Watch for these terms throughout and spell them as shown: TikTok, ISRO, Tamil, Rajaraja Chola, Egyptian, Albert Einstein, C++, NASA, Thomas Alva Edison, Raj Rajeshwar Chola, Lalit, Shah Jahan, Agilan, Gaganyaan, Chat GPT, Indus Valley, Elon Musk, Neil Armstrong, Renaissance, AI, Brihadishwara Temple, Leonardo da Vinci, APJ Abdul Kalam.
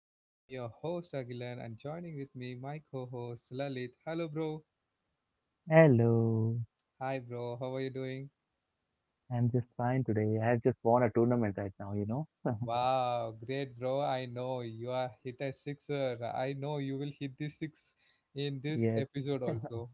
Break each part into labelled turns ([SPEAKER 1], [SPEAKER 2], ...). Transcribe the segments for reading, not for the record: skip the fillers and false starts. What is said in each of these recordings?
[SPEAKER 1] and I'm your host Agilan, and joining with me my co-host Lalit. Hello, bro.
[SPEAKER 2] Hello,
[SPEAKER 1] Hi, bro. How are you doing?
[SPEAKER 2] I'm just fine today. I have just won a tournament right now, you know.
[SPEAKER 1] Wow, great, bro. I know you are hit a sixer. I know you will hit the six in this
[SPEAKER 2] Yes.
[SPEAKER 1] episode also.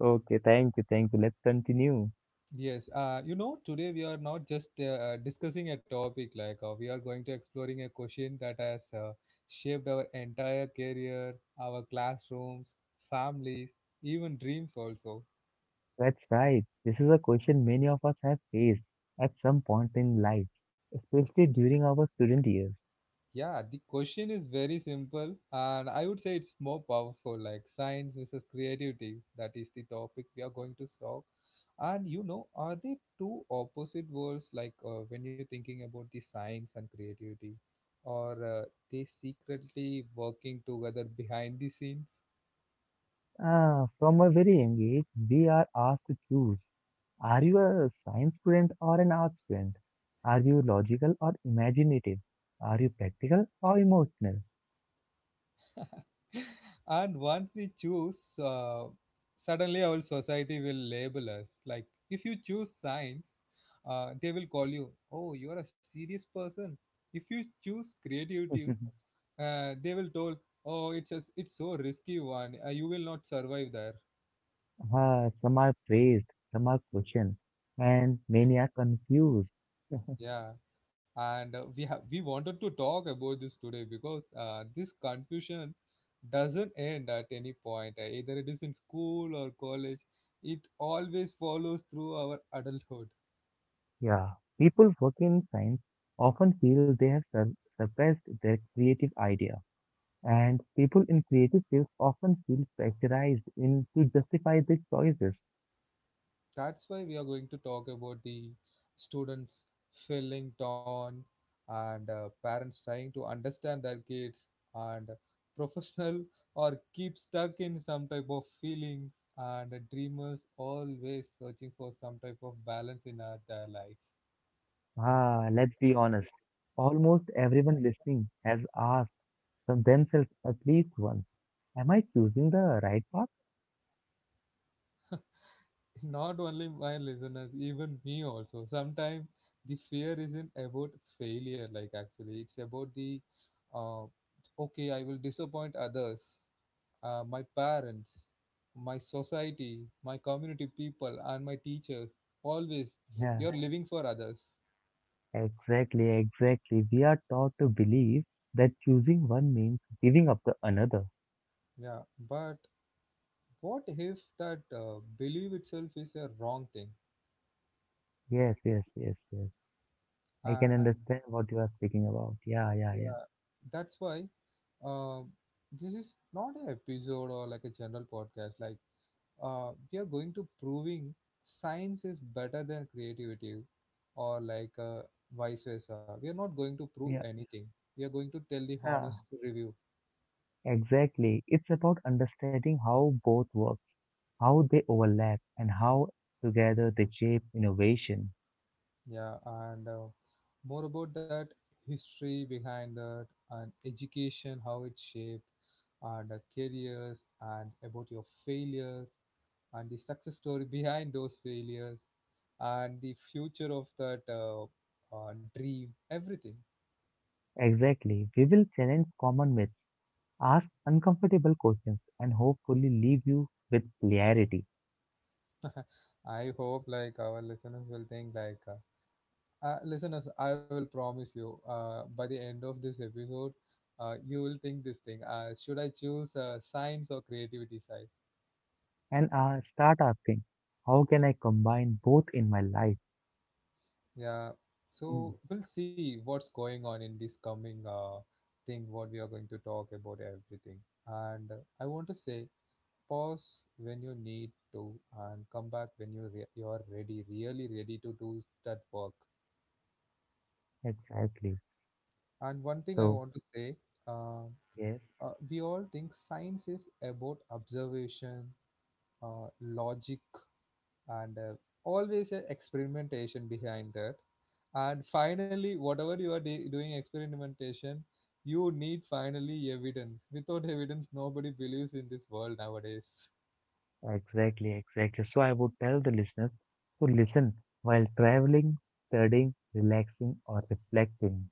[SPEAKER 2] Okay, thank you, thank you. Let's continue.
[SPEAKER 1] Yes, you know, today we are not just discussing a topic like we are going to exploring a question that has shaped our entire career, our classrooms, families, even dreams also.
[SPEAKER 2] That's right. This is a question many of us have faced at some point in life, especially during our student years.
[SPEAKER 1] Yeah, the question is very simple, and I would say it's more powerful like science versus creativity. That is the topic we are going to solve. And you know, are they two opposite worlds like when you're thinking about the science and creativity, or they secretly working together behind the scenes?
[SPEAKER 2] Ah, from a very young age, we are asked to choose. Are you a science student or an art student? Are you logical or imaginative? Are you practical or emotional?
[SPEAKER 1] And once we choose, suddenly our society will label us. Like if you choose science, they will call you, "Oh, you are a serious person." If you choose creativity, they will told, "Oh, it's a, it's so risky one, you will not survive there."
[SPEAKER 2] Some are praised, some are questioned, and many are confused.
[SPEAKER 1] Yeah, and we wanted to talk about this today because this confusion doesn't end at any point. Either it is in school or college, it always follows through our adulthood.
[SPEAKER 2] Yeah, people working in science often feel they have suppressed their creative idea, and people in creative fields often feel pressurized in to justify their choices.
[SPEAKER 1] That's why we are going to talk about the students feeling torn, and parents trying to understand their kids, and professional or keep stuck in some type of feelings, and dreamers always searching for some type of balance in their life.
[SPEAKER 2] Ah, let's be honest. Almost everyone listening has asked themselves at least once, "Am I choosing the right path?"
[SPEAKER 1] Not only my listeners, even me also sometimes. The fear isn't about failure, like actually it's about the uh, okay, I will disappoint others, my parents, my society, my community people, and my teachers. Always
[SPEAKER 2] Yeah.
[SPEAKER 1] you're Yeah. living for others.
[SPEAKER 2] Exactly, exactly. We are taught to believe that choosing one means giving up the another.
[SPEAKER 1] Yeah, but what if that belief itself is a wrong thing?
[SPEAKER 2] Yes, yes, yes, yes. I can
[SPEAKER 1] And
[SPEAKER 2] understand what you are speaking about. Yeah, yeah,
[SPEAKER 1] yeah,
[SPEAKER 2] yeah.
[SPEAKER 1] that's why, uh, this is not an episode or like a general podcast. Like, we are going to proving science is better than creativity, or like vice versa. We are not going to prove
[SPEAKER 2] Yeah.
[SPEAKER 1] anything. We are going to tell the honest
[SPEAKER 2] Yeah.
[SPEAKER 1] review.
[SPEAKER 2] Exactly. It's about understanding how both work, how they overlap, and how together they shape innovation.
[SPEAKER 1] Yeah, and more about that history behind that and education, how it shaped, and careers, and about your failures, and the success story behind those failures, and the future of that dream, everything.
[SPEAKER 2] Exactly. We will challenge common myths, ask uncomfortable questions, and hopefully leave you with clarity.
[SPEAKER 1] I hope like our listeners will think like, listeners, I will promise you, by the end of this episode, you will think this thing. Should I choose science or creativity side?
[SPEAKER 2] And start asking, how can I combine both in my life?
[SPEAKER 1] Yeah,
[SPEAKER 2] Mm,
[SPEAKER 1] so we'll see what's going on in this coming thing, what we are going to talk about everything. And I want to say, pause when you need to, and come back when you you're ready, really ready to do that work.
[SPEAKER 2] exactly.
[SPEAKER 1] And one thing I
[SPEAKER 2] So,
[SPEAKER 1] want to say, uh,
[SPEAKER 2] yes,
[SPEAKER 1] we all think science is about observation, logic, and always an experimentation behind that. And finally whatever you are doing experimentation, you need finally evidence. Without evidence nobody believes in this world nowadays.
[SPEAKER 2] exactly, exactly. So, I would tell the listeners to listen while traveling, studying, relaxing, or reflecting.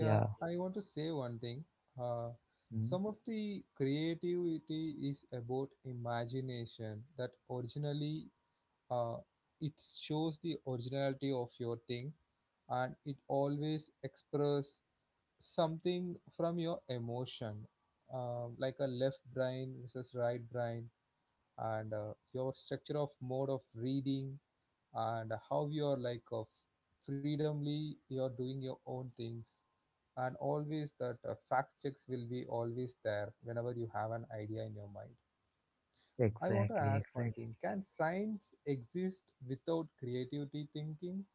[SPEAKER 1] Yeah, I want to say one thing. Uh,
[SPEAKER 2] mm,
[SPEAKER 1] some of the creativity is about imagination that originally, uh, it shows the originality of your thing, and it always express something from your emotion. Uh, like a left brain versus right brain, and your structure of mode of reading, and how you are like of freedomly you're doing your own things, and always that fact checks will be always there whenever you have an idea in your mind. I want to
[SPEAKER 2] exactly,
[SPEAKER 1] ask one
[SPEAKER 2] exactly.
[SPEAKER 1] thing: can science exist without creativity thinking?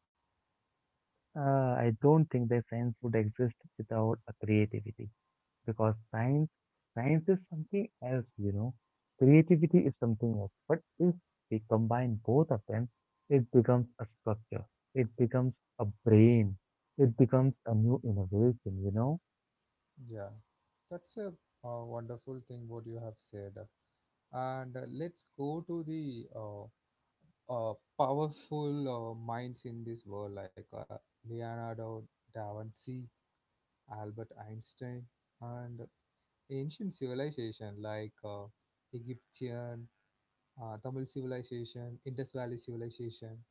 [SPEAKER 2] I don't think the science would exist without a creativity. Because science is something else, you know. Creativity is something else. But if we combine both of them, it becomes a structure. It becomes a brain. It becomes a new innovation, you know.
[SPEAKER 1] Yeah, that's a wonderful thing what you have said. And let's go to the uh, powerful minds in this world, like Leonardo da Vinci, Albert Einstein, and ancient civilization like Egyptian, Tamil civilization, Indus Valley civilization.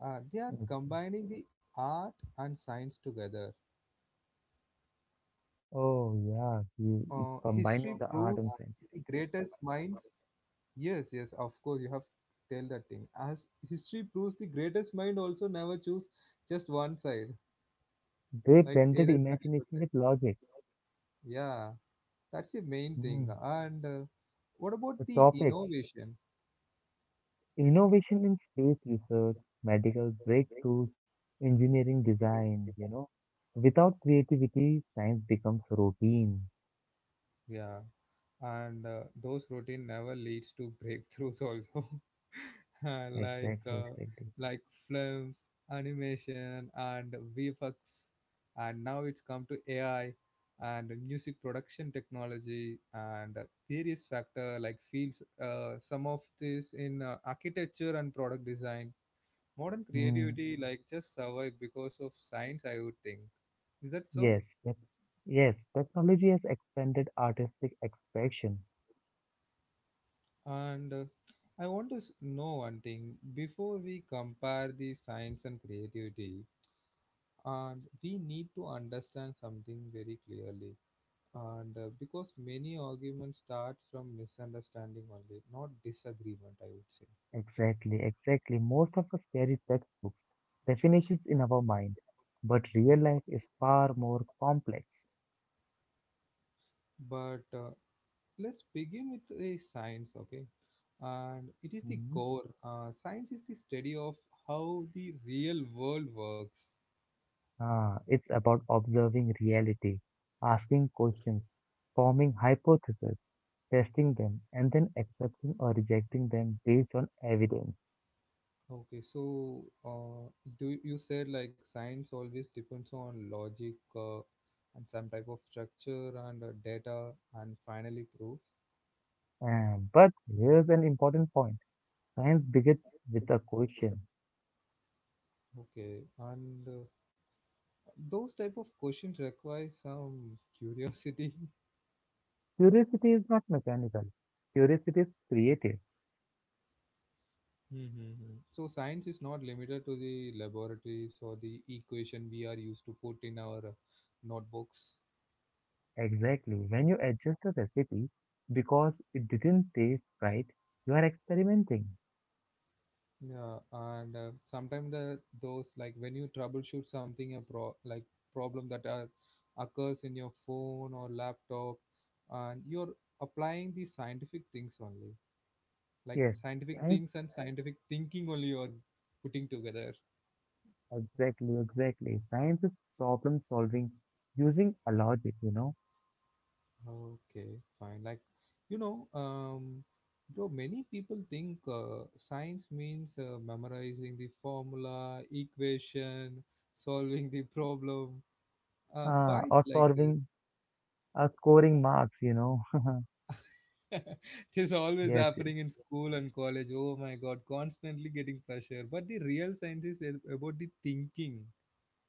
[SPEAKER 1] They are
[SPEAKER 2] It's,
[SPEAKER 1] combining the art and science together.
[SPEAKER 2] oh
[SPEAKER 1] And you know,
[SPEAKER 2] yeah, you, it's
[SPEAKER 1] history
[SPEAKER 2] combining the
[SPEAKER 1] proves
[SPEAKER 2] art and
[SPEAKER 1] the
[SPEAKER 2] science.
[SPEAKER 1] greatest minds. Yes, yes, of course, you have tell that thing. As history proves, the greatest mind also never choose just one side.
[SPEAKER 2] They
[SPEAKER 1] Like
[SPEAKER 2] blended
[SPEAKER 1] either side of it.
[SPEAKER 2] imagination with logic.
[SPEAKER 1] Yeah, that's the main thing.
[SPEAKER 2] Mm.
[SPEAKER 1] And what about
[SPEAKER 2] The
[SPEAKER 1] the
[SPEAKER 2] topics,
[SPEAKER 1] innovation?
[SPEAKER 2] innovation in space research, medical breakthroughs, engineering design, you know. Without creativity, science becomes routine.
[SPEAKER 1] Yeah, and those routine never leads to breakthroughs also. Uh, like
[SPEAKER 2] Exactly,
[SPEAKER 1] uh,
[SPEAKER 2] exactly.
[SPEAKER 1] like films, animation, and vfx, and now it's come to ai, and music production technology, and various factor like fields, some of this in architecture and product design. Modern
[SPEAKER 2] Mm,
[SPEAKER 1] creativity like just survive because of science, I would think. Is that so?
[SPEAKER 2] yes, that, yes, technology has expanded artistic expression.
[SPEAKER 1] And I want to know one thing. Before we compare the science and creativity, and we need to understand something very clearly. And because many arguments start from misunderstanding only, not disagreement, I would say.
[SPEAKER 2] Exactly, exactly. Most of us carry textbooks, definitions in our mind, but real life is far more complex.
[SPEAKER 1] But let's begin with the science, okay, and it is the
[SPEAKER 2] Hmm.
[SPEAKER 1] core. Science is the study of how the real world works.
[SPEAKER 2] Ah, it's about observing reality, asking questions, forming hypotheses, testing them, and then accepting or rejecting them based on evidence.
[SPEAKER 1] Okay, so do you said like science always depends on logic, and some type of structure and data and finally proof.
[SPEAKER 2] But here's an important point. Science begins with a question.
[SPEAKER 1] Okay, and those type of questions require some curiosity.
[SPEAKER 2] Curiosity is not mechanical. Curiosity is creative.
[SPEAKER 1] Mm-hmm. So science is not limited to the laboratories or the equation we are used to put in our notebooks.
[SPEAKER 2] Exactly. When you adjust a recipe because it didn't taste right, you are experimenting.
[SPEAKER 1] Yeah, and sometimes the those like when you troubleshoot something a problem that are, occurs in your phone or laptop, and you're applying the scientific things only, like
[SPEAKER 2] Yes,
[SPEAKER 1] scientific
[SPEAKER 2] science.
[SPEAKER 1] things and scientific thinking only you're putting together.
[SPEAKER 2] Exactly, exactly. Science is problem solving using a logic, you know,
[SPEAKER 1] Okay, fine. Like you know, bro, many people think science means memorizing the formula, equation, solving the problem. Why it's
[SPEAKER 2] or
[SPEAKER 1] like this?
[SPEAKER 2] solving, scoring marks, you know.
[SPEAKER 1] It is always
[SPEAKER 2] Yes, yes.
[SPEAKER 1] happening in school and college. Oh my god, constantly getting pressure. But the real science is about the thinking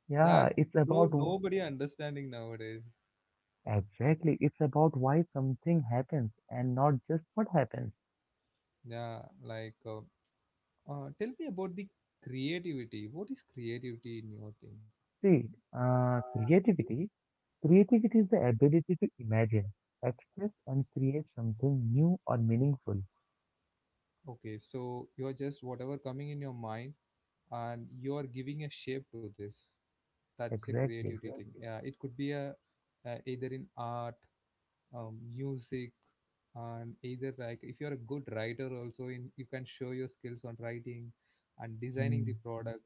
[SPEAKER 2] Yeah,
[SPEAKER 1] that,
[SPEAKER 2] it's
[SPEAKER 1] bro,
[SPEAKER 2] about
[SPEAKER 1] nobody understanding nowadays.
[SPEAKER 2] exactly. It's about why something happens and not just what happens.
[SPEAKER 1] Yeah, like, tell me about the creativity. What is creativity in your thing?
[SPEAKER 2] See, creativity. Creativity is the ability to imagine, express, and create something new or meaningful.
[SPEAKER 1] Okay, so you're just whatever coming in your mind and you're giving a shape to this. That's a
[SPEAKER 2] Exactly.
[SPEAKER 1] creativity thing. Yeah, it could be a either in art, music, and either like if you're a good writer also in you can show your skills on writing and designing
[SPEAKER 2] Hmm.
[SPEAKER 1] the product.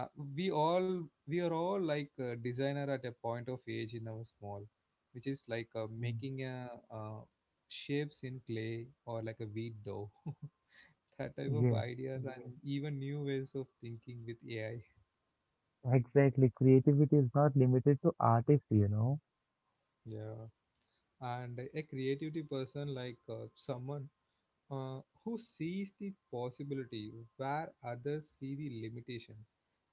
[SPEAKER 1] Uh, we all we are all like a designer at a point of age in our small, which is like
[SPEAKER 2] Hmm.
[SPEAKER 1] making a uh, shapes in clay or like a wheat dough. That type of
[SPEAKER 2] Yes,
[SPEAKER 1] ideas and Mhm. even new ways of thinking with ai.
[SPEAKER 2] exactly. Creativity is not limited to artists, you know.
[SPEAKER 1] Yeah, and a creativity person like someone who sees the possibility where others see the limitation.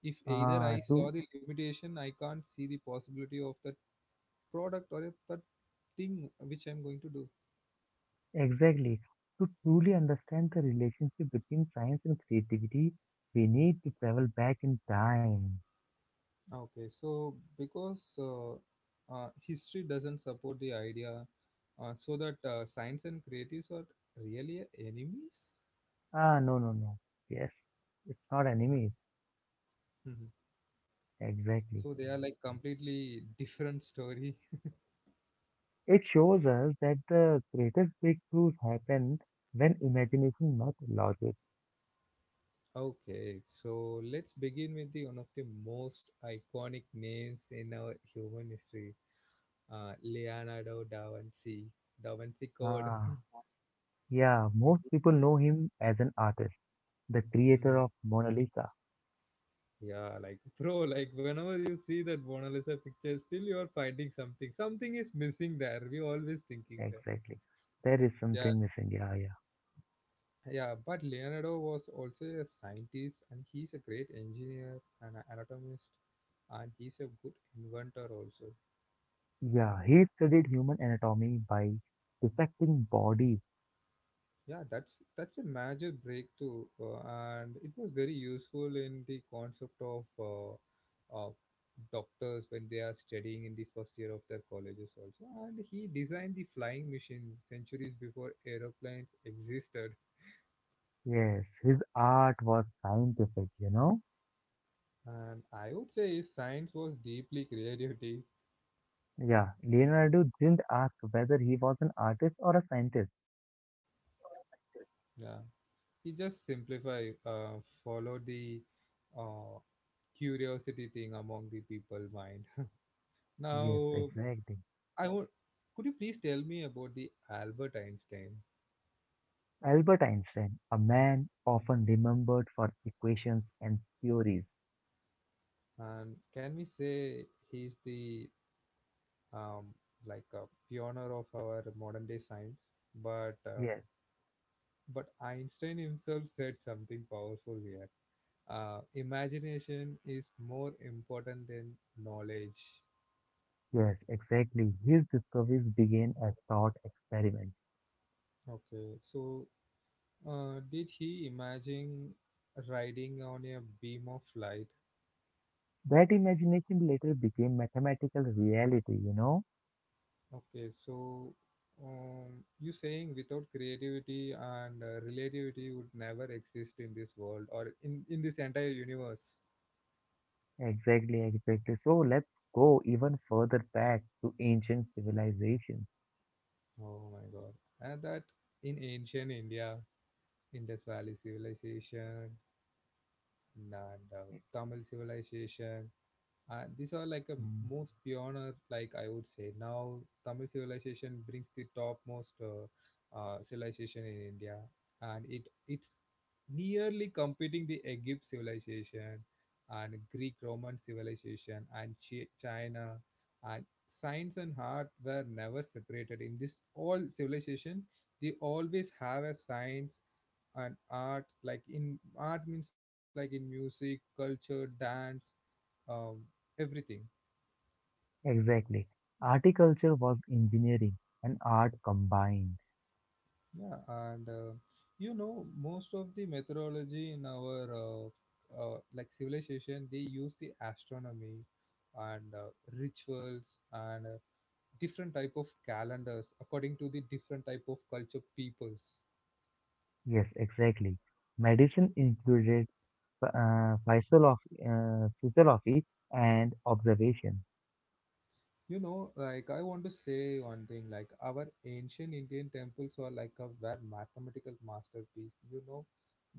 [SPEAKER 1] If either
[SPEAKER 2] Ah,
[SPEAKER 1] I
[SPEAKER 2] to
[SPEAKER 1] saw the limitation, I can't see the possibility of that product or that thing which I'm going to do.
[SPEAKER 2] Exactly. To truly understand the relationship between science and creativity, we need to travel back in time.
[SPEAKER 1] Okay, so because history doesn't support the idea, so that science and creatives are really enemies.
[SPEAKER 2] Ah, no, no, no. Yes, it's not enemies.
[SPEAKER 1] Mhm.
[SPEAKER 2] Exactly.
[SPEAKER 1] So they are like completely different story.
[SPEAKER 2] It shows us that the greatest breakthroughs happen when imagination met logic.
[SPEAKER 1] Okay, so let's begin with the one of the most iconic names in our human history, Leonardo da Vinci, Da Vinci Code.
[SPEAKER 2] Ah, yeah, most people know him as an artist, the creator
[SPEAKER 1] Mhm.
[SPEAKER 2] of Mona Lisa.
[SPEAKER 1] Yeah, like bro, like whenever you see that Mona Lisa picture, still you are finding something. Something is missing there. We always thinking that.
[SPEAKER 2] Exactly. There is
[SPEAKER 1] Yeah,
[SPEAKER 2] something missing. Yeah, yeah.
[SPEAKER 1] yeah, but Leonardo was also a scientist, and he's a great engineer and an anatomist, and he's a good inventor also.
[SPEAKER 2] Yeah, he studied human anatomy by dissecting bodies.
[SPEAKER 1] Yeah, that's a major breakthrough, and it was very useful in the concept of uh, doctors when they are studying in the first year of their colleges also. And he designed the flying machine centuries before aeroplanes existed.
[SPEAKER 2] Yes, his art was scientific, you know?
[SPEAKER 1] And I would say his science was deeply creativity.
[SPEAKER 2] Yeah, Leonardo didn't ask whether he was an artist or a scientist.
[SPEAKER 1] Yeah, he just simplify, follow the uh, curiosity thing among the people mind.
[SPEAKER 2] Yes,
[SPEAKER 1] Now
[SPEAKER 2] exactly.
[SPEAKER 1] I would. Could you please tell me about the Albert Einstein?
[SPEAKER 2] Albert Einstein, a man often remembered for equations and theories.
[SPEAKER 1] And can we say he's the um, like a pioneer of our modern day science? But uh,
[SPEAKER 2] Yes,
[SPEAKER 1] but Einstein himself said something powerful here. Imagination is more important than knowledge.
[SPEAKER 2] yes, exactly. His discoveries began as thought experiments.
[SPEAKER 1] Okay, so did he imagine riding on a beam of light?
[SPEAKER 2] That imagination later became mathematical reality, you know?
[SPEAKER 1] Okay, so um, you saying without creativity and relativity would never exist in this world or in this entire universe.
[SPEAKER 2] Exactly, exactly. So let's go even further back to ancient civilizations.
[SPEAKER 1] Oh my god. And that in ancient India, Indus Valley civilization and Tamil civilization, and these are like a
[SPEAKER 2] Mm.
[SPEAKER 1] most pioneer, like I would say. Now Tamil civilization brings the topmost civilization in India, and it's nearly competing the Egypt civilization and Greek Roman civilization and China, and science and art were never separated in this all civilization. They always have a science and art, like in art means like in music, culture, dance, um, everything.
[SPEAKER 2] Exactly. Articulture was engineering and art combined.
[SPEAKER 1] Yeah, and you know, most of the methodology in our like civilization, they use the astronomy and rituals and different type of calendars according to the different type of culture peoples.
[SPEAKER 2] Yes, exactly. Medicine included uh, physiolog- physiology and observation.
[SPEAKER 1] You know, like I want to say one thing, like our ancient Indian temples are like a were mathematical masterpiece. You know,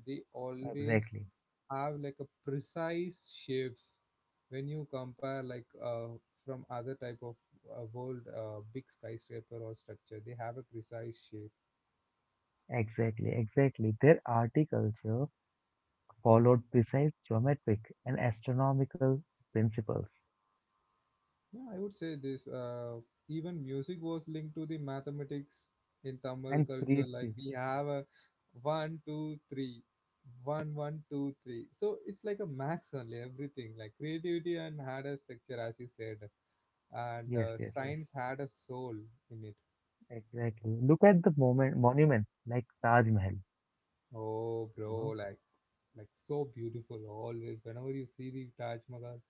[SPEAKER 1] they always
[SPEAKER 2] Exactly,
[SPEAKER 1] have like a precise shapes when you compare like from other type of world big skyscraper or structure. They have a precise shape.
[SPEAKER 2] exactly, exactly. Their articulture followed precise geometric and astronomical principles
[SPEAKER 1] Yeah, I would say this. Even music was linked to the mathematics in Tamil
[SPEAKER 2] and
[SPEAKER 1] culture. Like
[SPEAKER 2] creative.
[SPEAKER 1] we have a one, two, three, one, one, two, three. So it's like a max only everything. Like creativity and had a structure, as you said, and
[SPEAKER 2] Yes, yes, yes.
[SPEAKER 1] science had a soul in it.
[SPEAKER 2] Exactly. Look at the monuments like Taj Mahal.
[SPEAKER 1] Oh,
[SPEAKER 2] You
[SPEAKER 1] bro,
[SPEAKER 2] know,
[SPEAKER 1] like so beautiful always. Whenever you see the Taj Mahal,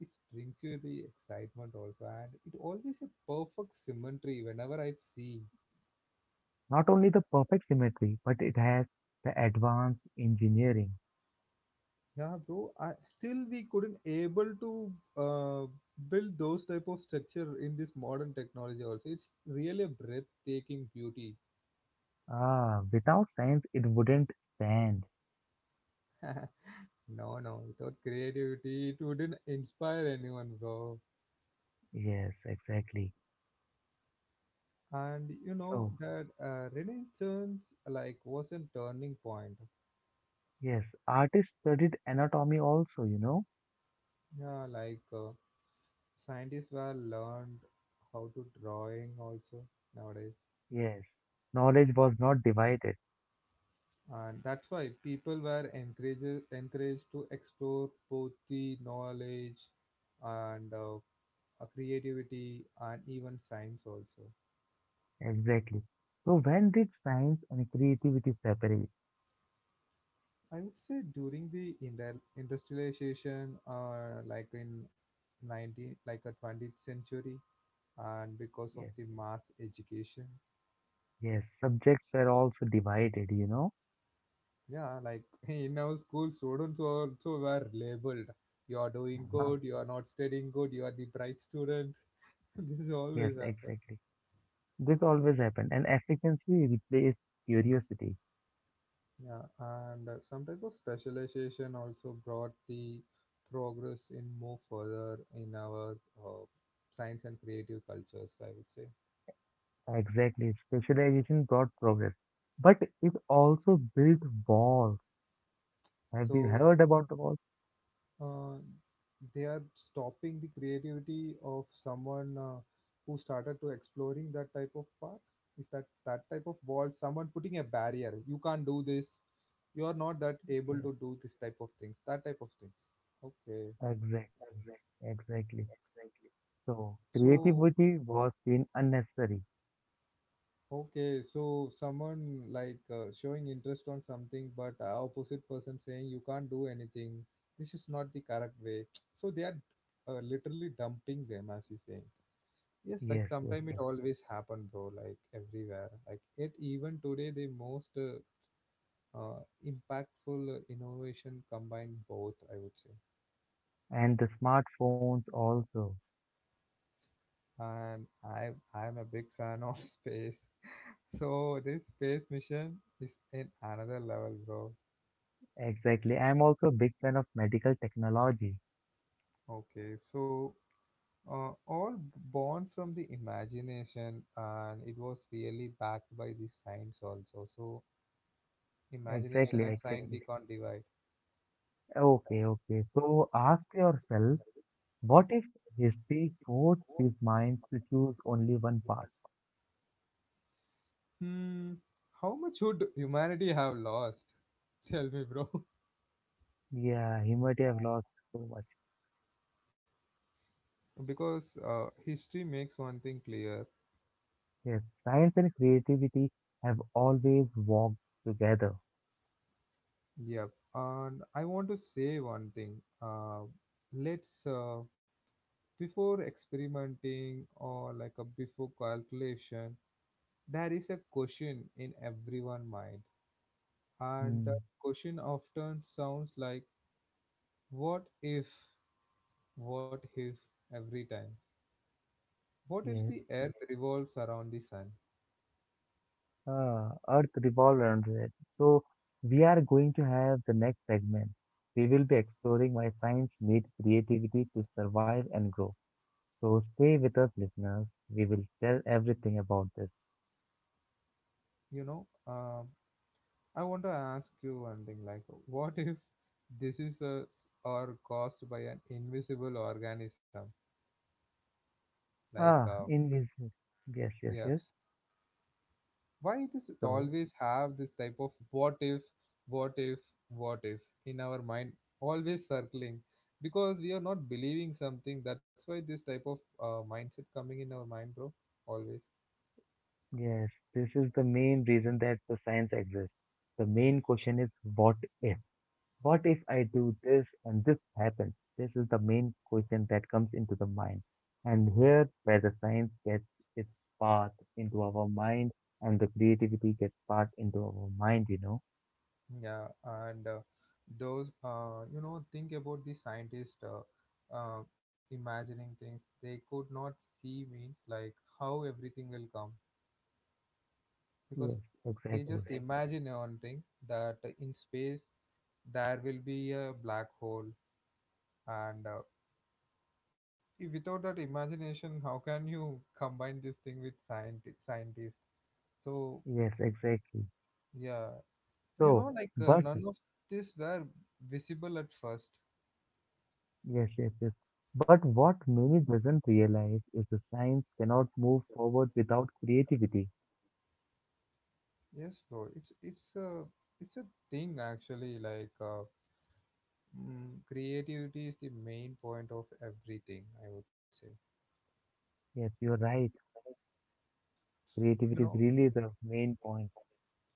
[SPEAKER 1] it brings you the excitement also, and it always a perfect symmetry. Whenever I see.
[SPEAKER 2] not only the perfect symmetry, but it has the advanced engineering.
[SPEAKER 1] Yeah, bro. I, still, we couldn't able to uh, build those type of structure in this modern technology. Also, it's really a breathtaking beauty.
[SPEAKER 2] Ah, without science, it wouldn't stand.
[SPEAKER 1] No, no, without creativity, it wouldn't inspire anyone, bro.
[SPEAKER 2] Yes, exactly.
[SPEAKER 1] And you know
[SPEAKER 2] So,
[SPEAKER 1] that Renaissance like was a turning point.
[SPEAKER 2] yes, artists studied anatomy also, you know?
[SPEAKER 1] Yeah, like scientists were learned how to drawing also nowadays.
[SPEAKER 2] Yes, knowledge was not divided.
[SPEAKER 1] And that's why people were encouraged to explore both the knowledge and creativity and even science also.
[SPEAKER 2] Exactly. So, when did science and creativity separate?
[SPEAKER 1] I would say during the industrialization, like in 19, like a 20th century, and because of
[SPEAKER 2] Yes,
[SPEAKER 1] the mass education,
[SPEAKER 2] yes, subjects were also divided, you know?
[SPEAKER 1] yeah, like in our school, students also were labeled. You are doing
[SPEAKER 2] Mhm.
[SPEAKER 1] good. You are not studying good. You are the bright student. This
[SPEAKER 2] Yes,
[SPEAKER 1] always happens.
[SPEAKER 2] exactly. This always happened, and efficiency replaced curiosity.
[SPEAKER 1] Yeah, and some type of specialization also brought the progress in more further in our uh, science and creative cultures, I would say.
[SPEAKER 2] Exactly. Specialization brought progress, but it also built walls. Have you
[SPEAKER 1] So
[SPEAKER 2] heard about the walls?
[SPEAKER 1] uh, they are stopping the creativity of someone who started to exploring that type of part. Is that that type of wall? Someone putting a barrier. You can't do this. You are not that able
[SPEAKER 2] Yes,
[SPEAKER 1] to do this type of things. That type of things. Okay. Yeah.
[SPEAKER 2] exactly. Exactly. So,
[SPEAKER 1] So
[SPEAKER 2] creativity was seen unnecessary.
[SPEAKER 1] okay, so someone like showing interest on something, but opposite person saying you can't do anything. This is not the correct way. So they are literally dumping them, as you saying. Yes, like
[SPEAKER 2] Yes, yes,
[SPEAKER 1] sometime it
[SPEAKER 2] yes.
[SPEAKER 1] always happen, bro. Like everywhere. Like it even today, the most uh, impactful innovation combine both, I would say,
[SPEAKER 2] And the smartphones also.
[SPEAKER 1] and I am a big fan of space. So this space mission is in another level, bro.
[SPEAKER 2] Exactly. I'm also a big fan of medical technology.
[SPEAKER 1] Okay, so all born from the imagination, and it was really backed by the science also. So, imagination
[SPEAKER 2] Exactly,
[SPEAKER 1] and science
[SPEAKER 2] exactly.
[SPEAKER 1] we can't divide.
[SPEAKER 2] Okay, okay. So, ask yourself. What if his history forced his minds to choose only one path?
[SPEAKER 1] Hmm, how much would humanity have lost? Tell me, bro.
[SPEAKER 2] Yeah, he might have lost so much.
[SPEAKER 1] Because history makes one thing clear.
[SPEAKER 2] Yes, science and creativity have always walked together.
[SPEAKER 1] Yep. And I want to say one thing. Let's before experimenting or like a before calculation, there is a question in everyone mind. And that
[SPEAKER 2] Hmm.
[SPEAKER 1] question often sounds like, what if, what if every time? What if
[SPEAKER 2] Yes,
[SPEAKER 1] the Earth revolves around the sun?
[SPEAKER 2] Earth revolves around it. So we are going to have the next segment. We will be exploring why science needs creativity to survive and grow. So stay with us, listeners. We will tell everything about this.
[SPEAKER 1] You know, I want to ask you one thing like, what if this is a, or caused by an invisible organism like
[SPEAKER 2] Ah, invisible. Yes, yes,
[SPEAKER 1] yes,
[SPEAKER 2] yes.
[SPEAKER 1] why does it
[SPEAKER 2] So.
[SPEAKER 1] always have this type of what if, what if, what if in our mind always circling because we are not believing something. That's why this type of mindset coming in our mind, bro, always.
[SPEAKER 2] Yes, this is the main reason that the science exists. The main question is what if? What if I do this and this happens? This is the main question that comes into the mind. And here where the science gets its path into our mind and the creativity gets part into our mind, you know?
[SPEAKER 1] Yeah, and those you know, think about the scientists imagining things they could not see, means like how everything will come because
[SPEAKER 2] Yes,
[SPEAKER 1] they
[SPEAKER 2] exactly.
[SPEAKER 1] just imagine one thing, that in space there will be a black hole. And see, without that imagination, how can you combine this thing with scientists? So,
[SPEAKER 2] Yes, exactly.
[SPEAKER 1] yeah, you
[SPEAKER 2] So,
[SPEAKER 1] know, like
[SPEAKER 2] but
[SPEAKER 1] none of this were visible at first.
[SPEAKER 2] yes, yes, yes. But what many doesn't realize is the science cannot move forward without creativity.
[SPEAKER 1] Yes, bro. It's a thing actually. Like creativity is the main point of everything, I would say.
[SPEAKER 2] Yes, you're right.
[SPEAKER 1] You
[SPEAKER 2] Creativity is
[SPEAKER 1] know.
[SPEAKER 2] really the main point.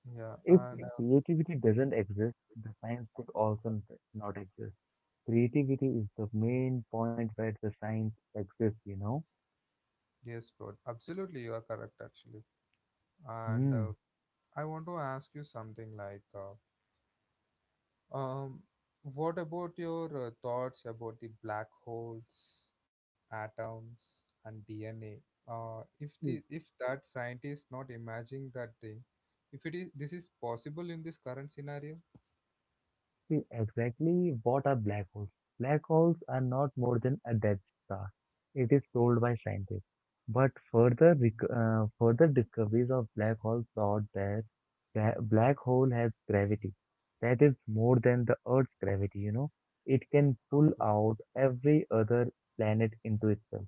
[SPEAKER 1] Yeah,
[SPEAKER 2] If
[SPEAKER 1] and
[SPEAKER 2] creativity doesn't exist, the science could also not exist. Creativity is the main point where the science exists, you know?
[SPEAKER 1] yes, bro. Absolutely, you are correct actually. And
[SPEAKER 2] Hmm.
[SPEAKER 1] I want to ask you something like. Um, what about your thoughts about the black holes, atoms, and DNA? If that scientist not imagining that thing, if it is this is possible in this current scenario,
[SPEAKER 2] See, exactly what are black holes? Black holes are not more than a dead star. It is told by scientists. But further, further discoveries of black holes showed that the black hole has gravity. That is more than the Earth's gravity, you know. It can pull
[SPEAKER 1] okay,
[SPEAKER 2] out every other planet into itself,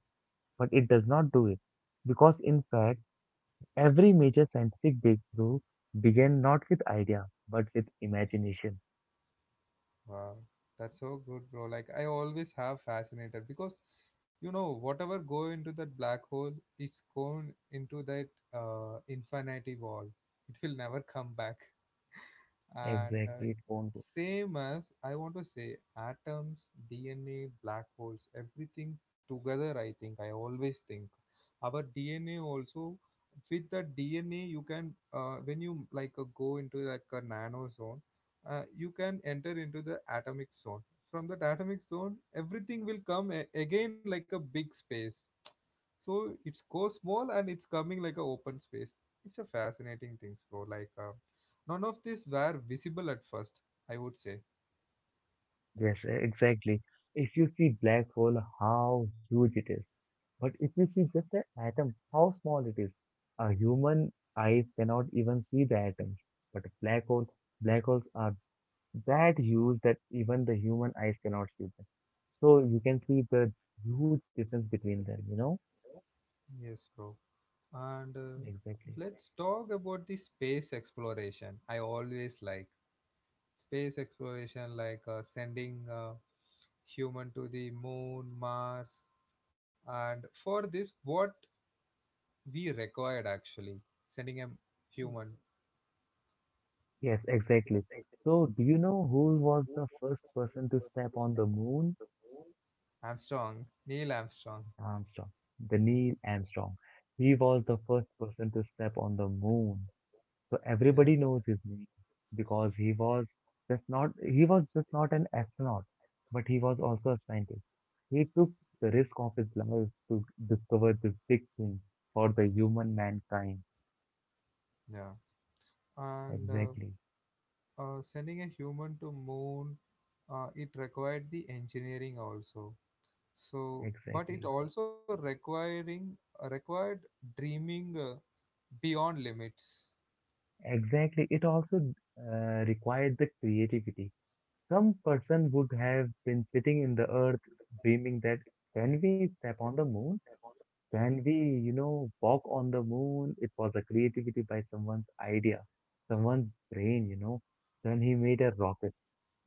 [SPEAKER 2] but it does not do it. Because in fact, every major scientific breakthrough began not with idea, but with imagination.
[SPEAKER 1] wow, that's so good, bro. Like I always have fascinated because you know whatever go into that black hole, it's going into that infinity wall. It will never come back. And
[SPEAKER 2] Exactly, it won't.
[SPEAKER 1] same as, I want to say, atoms, DNA, black holes, everything together, I always think our DNA also, with the DNA you can when you like go into like a nano zone, you can enter into the atomic zone. From that atomic zone everything will come again like a big space. So it's go small and it's coming like a open space. It's a fascinating things, bro. Like none of these were visible at first, I would say.
[SPEAKER 2] Yes, exactly. If you see black hole, how huge it is. But if you see just an atom, how small it is. A human eye cannot even see the atoms. But a black hole, black holes are that huge that even the human eyes cannot see them. So you can see the huge difference between them, you know?
[SPEAKER 1] Yes, bro. And
[SPEAKER 2] Exactly.
[SPEAKER 1] let's talk about the space exploration. I always like space exploration, like sending human to the moon, Mars, and for this, what we required actually sending human,
[SPEAKER 2] Yes, exactly. So do you know who was the first person to step on the moon?
[SPEAKER 1] Armstrong, Neil Armstrong.
[SPEAKER 2] Armstrong, the Neil Armstrong. He was the first person to step on the moon. So everybody
[SPEAKER 1] Yes,
[SPEAKER 2] knows his name because he was just not an astronaut, but he was also a scientist. He took the risk of his life to discover this big thing for the human mankind.
[SPEAKER 1] yeah, and
[SPEAKER 2] Exactly,
[SPEAKER 1] sending a human to moon, it required the engineering also, so but it
[SPEAKER 2] exactly,
[SPEAKER 1] also requiring required dreaming beyond limits.
[SPEAKER 2] exactly. It also required the creativity. Some person would have been sitting in the earth dreaming that can we step on the moon? Can we walk on the moon? It was a creativity by someone's idea, someone's brain, you know. Then he made a rocket.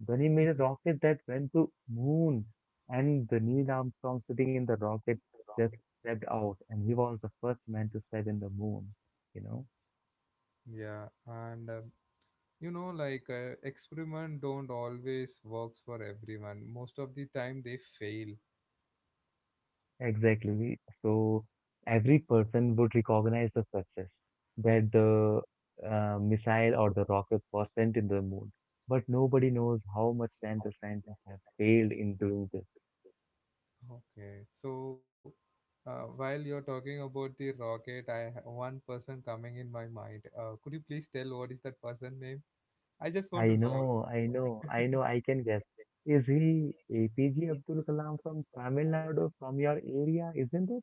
[SPEAKER 2] Then he made a rocket that went to moon and the Neil Armstrong sitting in the rocket just stepped out and he was the first man to step in the moon, you know.
[SPEAKER 1] Yeah, and you know, like experiment don't always works for everyone, most of the time they fail.
[SPEAKER 2] Exactly. So every person would recognize the success that the missile or the rocket was sent in the moon. But nobody knows how much time the scientists have failed in doing this.
[SPEAKER 1] Okay, so while you're talking about the rocket, one person coming in my mind. Could you please tell what is that person name? I just
[SPEAKER 2] I
[SPEAKER 1] want to know.
[SPEAKER 2] know, I know, I know, I can guess. Is he APJ Abdul Kalam from Tamil Nadu, from your area, isn't it?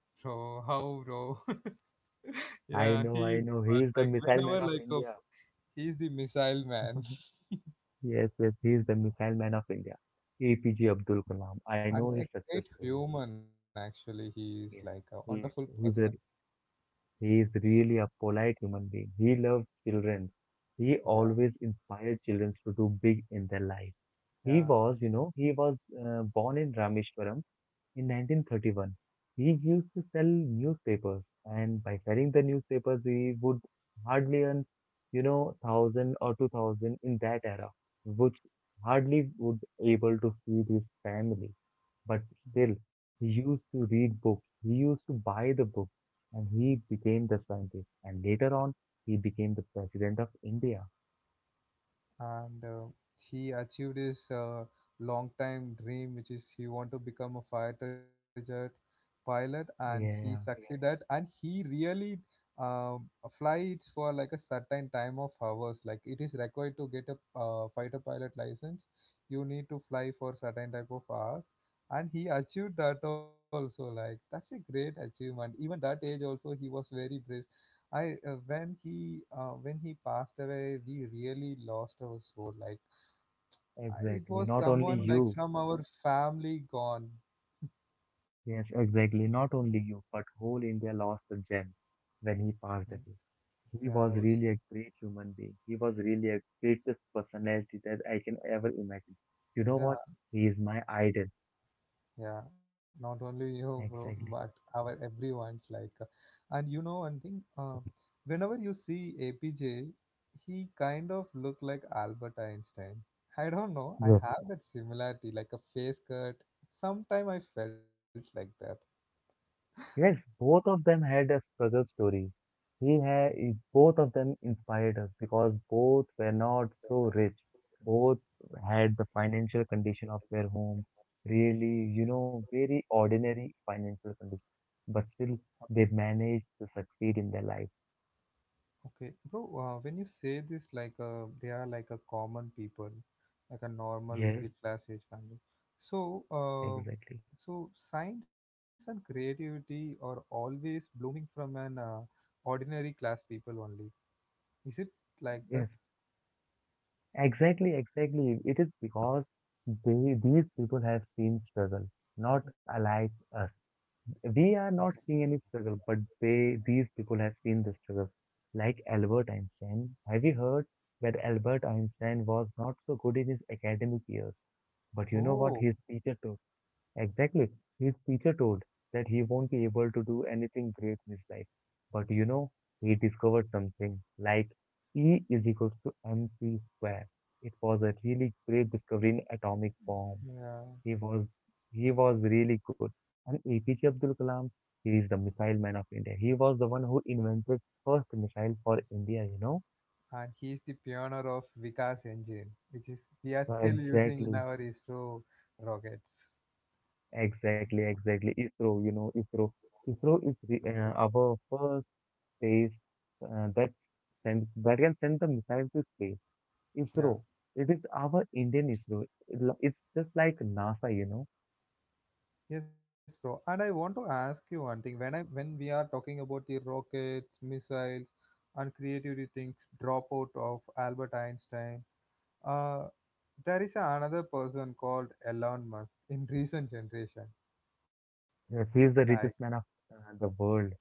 [SPEAKER 1] Bro, how, bro? Yeah, he is
[SPEAKER 2] I know, he
[SPEAKER 1] one,
[SPEAKER 2] is the
[SPEAKER 1] like
[SPEAKER 2] missile
[SPEAKER 1] whenever
[SPEAKER 2] man of
[SPEAKER 1] like of
[SPEAKER 2] India.
[SPEAKER 1] he's the missile man.
[SPEAKER 2] Yes, yes, he is the missile man of India. APJ Abdul Kalam. I know
[SPEAKER 1] And
[SPEAKER 2] his
[SPEAKER 1] a
[SPEAKER 2] success
[SPEAKER 1] great
[SPEAKER 2] story.
[SPEAKER 1] human actually. He is like
[SPEAKER 2] Yeah.
[SPEAKER 1] a wonderful
[SPEAKER 2] He
[SPEAKER 1] person.
[SPEAKER 2] he's a, he is really a polite human being. He loves children. He
[SPEAKER 1] Yeah,
[SPEAKER 2] always inspired children to do big in their life. He
[SPEAKER 1] yeah.
[SPEAKER 2] was, you know, he was uh, born in Rameshwaram in 1931. He used to sell newspapers, and by selling the newspapers, he would hardly earn 1,000 or 2,000 in that era, which hardly would able to feed his family. But still, he used to read books. He used to buy the book and he became the scientist. And later on, he became the president of India.
[SPEAKER 1] And he achieved his long time dream, which is he want to become a fighter jet pilot, and he
[SPEAKER 2] Yeah,
[SPEAKER 1] succeed that, and he really um, fly it for like a certain time of hours. Like it is required to get a fighter pilot license, you need to fly for certain type of hours, and he achieved that also. Like that's a great achievement, even that age also he was very brave. I when he passed away, we really lost our soul. Like I, it
[SPEAKER 2] exactly.
[SPEAKER 1] was
[SPEAKER 2] Not only
[SPEAKER 1] someone like
[SPEAKER 2] you,
[SPEAKER 1] from our family gone.
[SPEAKER 2] yes, exactly. Not only you, but whole India lost the gem when he passed
[SPEAKER 1] Mm.
[SPEAKER 2] away. He
[SPEAKER 1] Yeah, I
[SPEAKER 2] was
[SPEAKER 1] would.
[SPEAKER 2] really a great human being. He was really a greatest personality that I can ever imagine. You know
[SPEAKER 1] Yeah,
[SPEAKER 2] what? He is my idol.
[SPEAKER 1] yeah. Not only you, bro, but
[SPEAKER 2] Exactly.
[SPEAKER 1] our everyone's like. And you know one thing. Whenever you see APJ, he kind of looked like Albert Einstein. I don't know. I
[SPEAKER 2] Yes.
[SPEAKER 1] have that similarity, like a face cut. Sometime I felt like
[SPEAKER 2] Yes, both of them had a struggle story. He had both of them inspired us because both were not so rich. Both had the financial condition of their home, really, very ordinary financial condition, but still
[SPEAKER 1] that.
[SPEAKER 2] they managed to succeed in their life.
[SPEAKER 1] Okay, bro, when you say this, like they are like a common people, like a normal
[SPEAKER 2] Yes,
[SPEAKER 1] middle class age family. So, uh,
[SPEAKER 2] exactly.
[SPEAKER 1] so science and creativity are always blooming from an ordinary class people only. Is it like
[SPEAKER 2] Yes,
[SPEAKER 1] that?
[SPEAKER 2] exactly, exactly. It is because these people have seen struggle, not like us. We
[SPEAKER 1] Okay.
[SPEAKER 2] are not seeing any struggle, but they these people have seen the struggle. Like Albert Einstein, have you heard that Albert Einstein was not so good in his academic years? But you know what his
[SPEAKER 1] Oh,
[SPEAKER 2] teacher told? Exactly, his teacher told that he won't be able to do anything great in his life. But you know, he discovered something like E is equals to mc square. It was a really great discovery in atomic bomb. He
[SPEAKER 1] yeah.
[SPEAKER 2] was he was really good. And APJ Abdul Kalam, he is the missile man of India. He was the one who invented first missile for India,
[SPEAKER 1] And he's the pioneer of Vikas engine, which is
[SPEAKER 2] So
[SPEAKER 1] we are still
[SPEAKER 2] exactly,
[SPEAKER 1] using in our ISRO rockets.
[SPEAKER 2] exactly,
[SPEAKER 1] Yeah.
[SPEAKER 2] exactly. ISRO, you know, ISRO. ISRO is the, our first space that send that can send the missile to space. ISRO.
[SPEAKER 1] Yeah.
[SPEAKER 2] It is our Indian ISRO. It's just like NASA,
[SPEAKER 1] Yes, bro. And I want to ask you one thing. When we are talking about the rockets, missiles, and creativity things, dropout of Albert Einstein, uh, there is another person called Elon Musk in recent generation.
[SPEAKER 2] Yes, he
[SPEAKER 1] Like,
[SPEAKER 2] is the richest man of the world.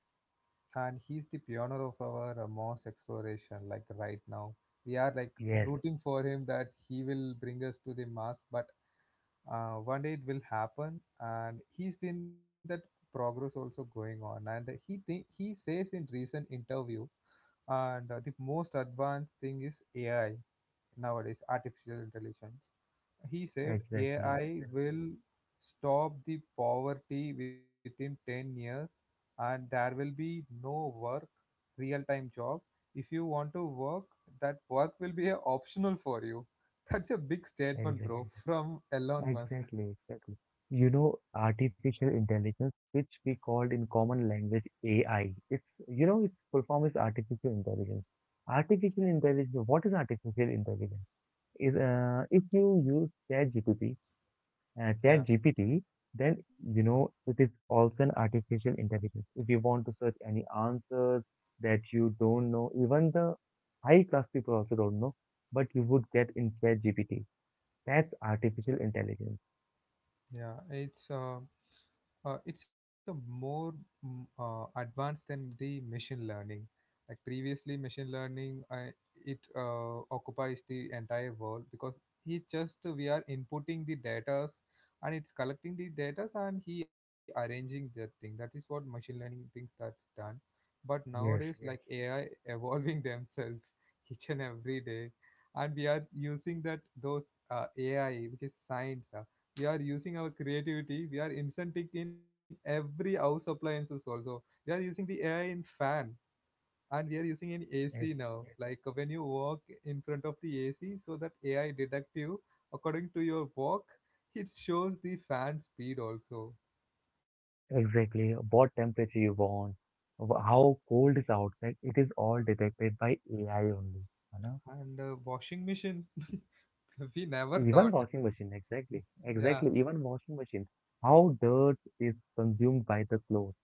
[SPEAKER 1] and he's the pioneer of our Mars exploration. Like right now, we are like
[SPEAKER 2] Yes,
[SPEAKER 1] rooting for him that he will bring us to the Mars, but one day it will happen, and he's in that progress also going on. And he think he says in recent interview. And the most advanced thing is AI nowadays, artificial intelligence. He said
[SPEAKER 2] exactly,
[SPEAKER 1] AI will stop the poverty within 10 years, and there will be no work, real time job. If you want to work, that work will be a optional for you. That's a big statement,
[SPEAKER 2] exactly.
[SPEAKER 1] bro. From Elon Musk.
[SPEAKER 2] Exactly, exactly. You know, artificial intelligence, which we called in common language AI, it's, its full form is artificial intelligence. Artificial intelligence, what is artificial intelligence? Is, if you use Chat GPT,
[SPEAKER 1] Yeah,
[SPEAKER 2] GPT, then, it is also an artificial intelligence. If you want to search any answers that you don't know, even the high class people also don't know, but you would get in Chat GPT. That's artificial intelligence.
[SPEAKER 1] yeah, it's a more advanced than the machine learning. Like previously, machine learning it occupies the entire world because he just we are inputting the datas, and it's collecting the datas, and he arranging that thing. That is what machine learning thinks that's done. But
[SPEAKER 2] Yes.
[SPEAKER 1] nowadays, like AI evolving themselves each and every day, and we are using that those AI, which is science. We are using our creativity, we are incenting in every house appliances also. We are using the AI in fan, and we are using in ac
[SPEAKER 2] Ex-
[SPEAKER 1] now Like when you walk in front of the AC, so that AI detect you according to your walk, it shows the fan speed also.
[SPEAKER 2] Exactly. What temperature you want, how cold is outside, it is all
[SPEAKER 1] Uh,
[SPEAKER 2] detected by AI only. You know?
[SPEAKER 1] and washing machine. We never
[SPEAKER 2] Even
[SPEAKER 1] thought.
[SPEAKER 2] washing machine, exactly.
[SPEAKER 1] Yeah.
[SPEAKER 2] Exactly. Even washing machine. How dirt is consumed by the clothes.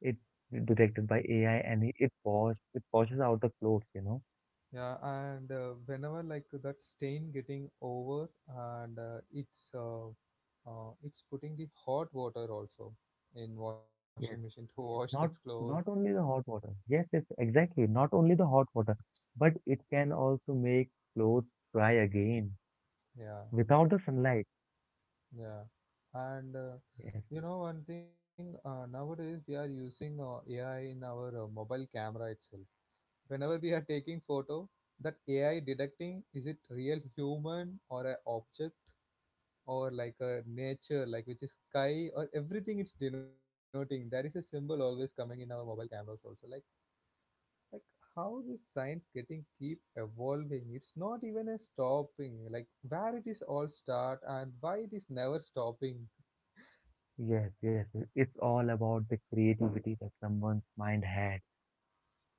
[SPEAKER 2] It's detected by AI and it washes out the clothes,
[SPEAKER 1] Yeah, and whenever like that stain getting over and it's putting the hot water also in washing machine
[SPEAKER 2] Yes.
[SPEAKER 1] to wash that
[SPEAKER 2] Not
[SPEAKER 1] clothes.
[SPEAKER 2] not only the hot water. Yes, yes, exactly. Not only the hot water, but it can also make clothes dry again
[SPEAKER 1] Yeah,
[SPEAKER 2] without the sunlight.
[SPEAKER 1] yeah, and
[SPEAKER 2] Yes.
[SPEAKER 1] you know one thing, nowadays we are using AI in our mobile camera itself. Whenever we are taking photo, that AI detecting is it real human or a object or like a nature, like which is sky or everything it's denoting. There is a symbol always coming in our mobile cameras also. Like how this science getting keep evolving. It's not even a stopping. Like where it is all start and why it is never stopping.
[SPEAKER 2] Yes, yes. It's all about the creativity that someone's mind had.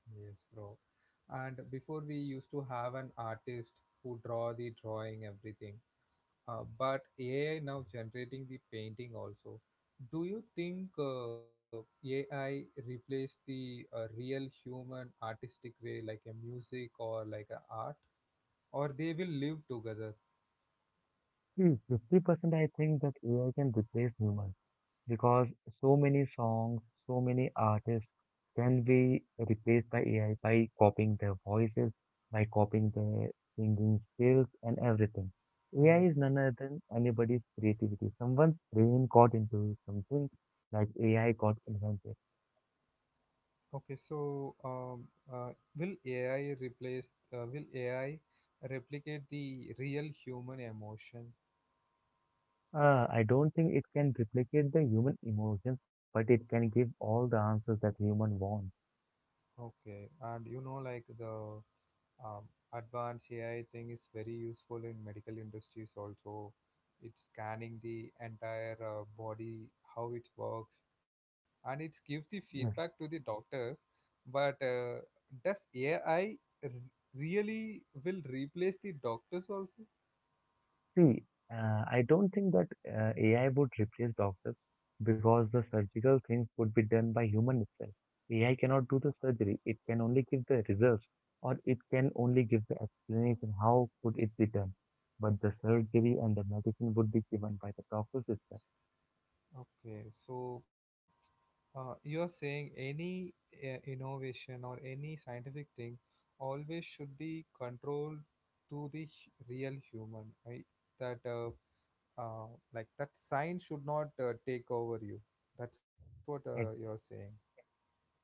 [SPEAKER 1] Yes, bro. And before we used to have an artist who draw the drawing everything. But AI now generating the painting also. Do you think AI replace the real human artistic way like a music or like a art, or they will live together?
[SPEAKER 2] See, 50% I think that AI can replace humans because so many songs, so many artists can be replaced by AI by copying their voices, by copying their singing skills and everything. AI
[SPEAKER 1] Hmm.
[SPEAKER 2] is none other than anybody's creativity. Someone's brain got into something like AI got invented.
[SPEAKER 1] Okay, so uh, will AI replace? Will AI replicate the real human emotion?
[SPEAKER 2] I don't think it can replicate the human emotions, but it can give all the answers that human wants.
[SPEAKER 1] Okay, and like the um, advanced AI thing is very useful in medical industries also. It's scanning the entire body, how it works, and it gives the feedback to
[SPEAKER 2] Yes.
[SPEAKER 1] the doctors. But does AI really will replace the doctors also?
[SPEAKER 2] See, I don't think that AI would replace doctors because the surgical things would be done by human itself. AI cannot do the surgery. It can only give the results or it can only give the explanation how could it be done. But the surgery and the medicine would be given by the doctors itself.
[SPEAKER 1] Okay, so you are saying any innovation or any scientific thing always should be controlled to the real human, right? That uh, like that science should not take over you. That's what you're
[SPEAKER 2] Ex-
[SPEAKER 1] saying.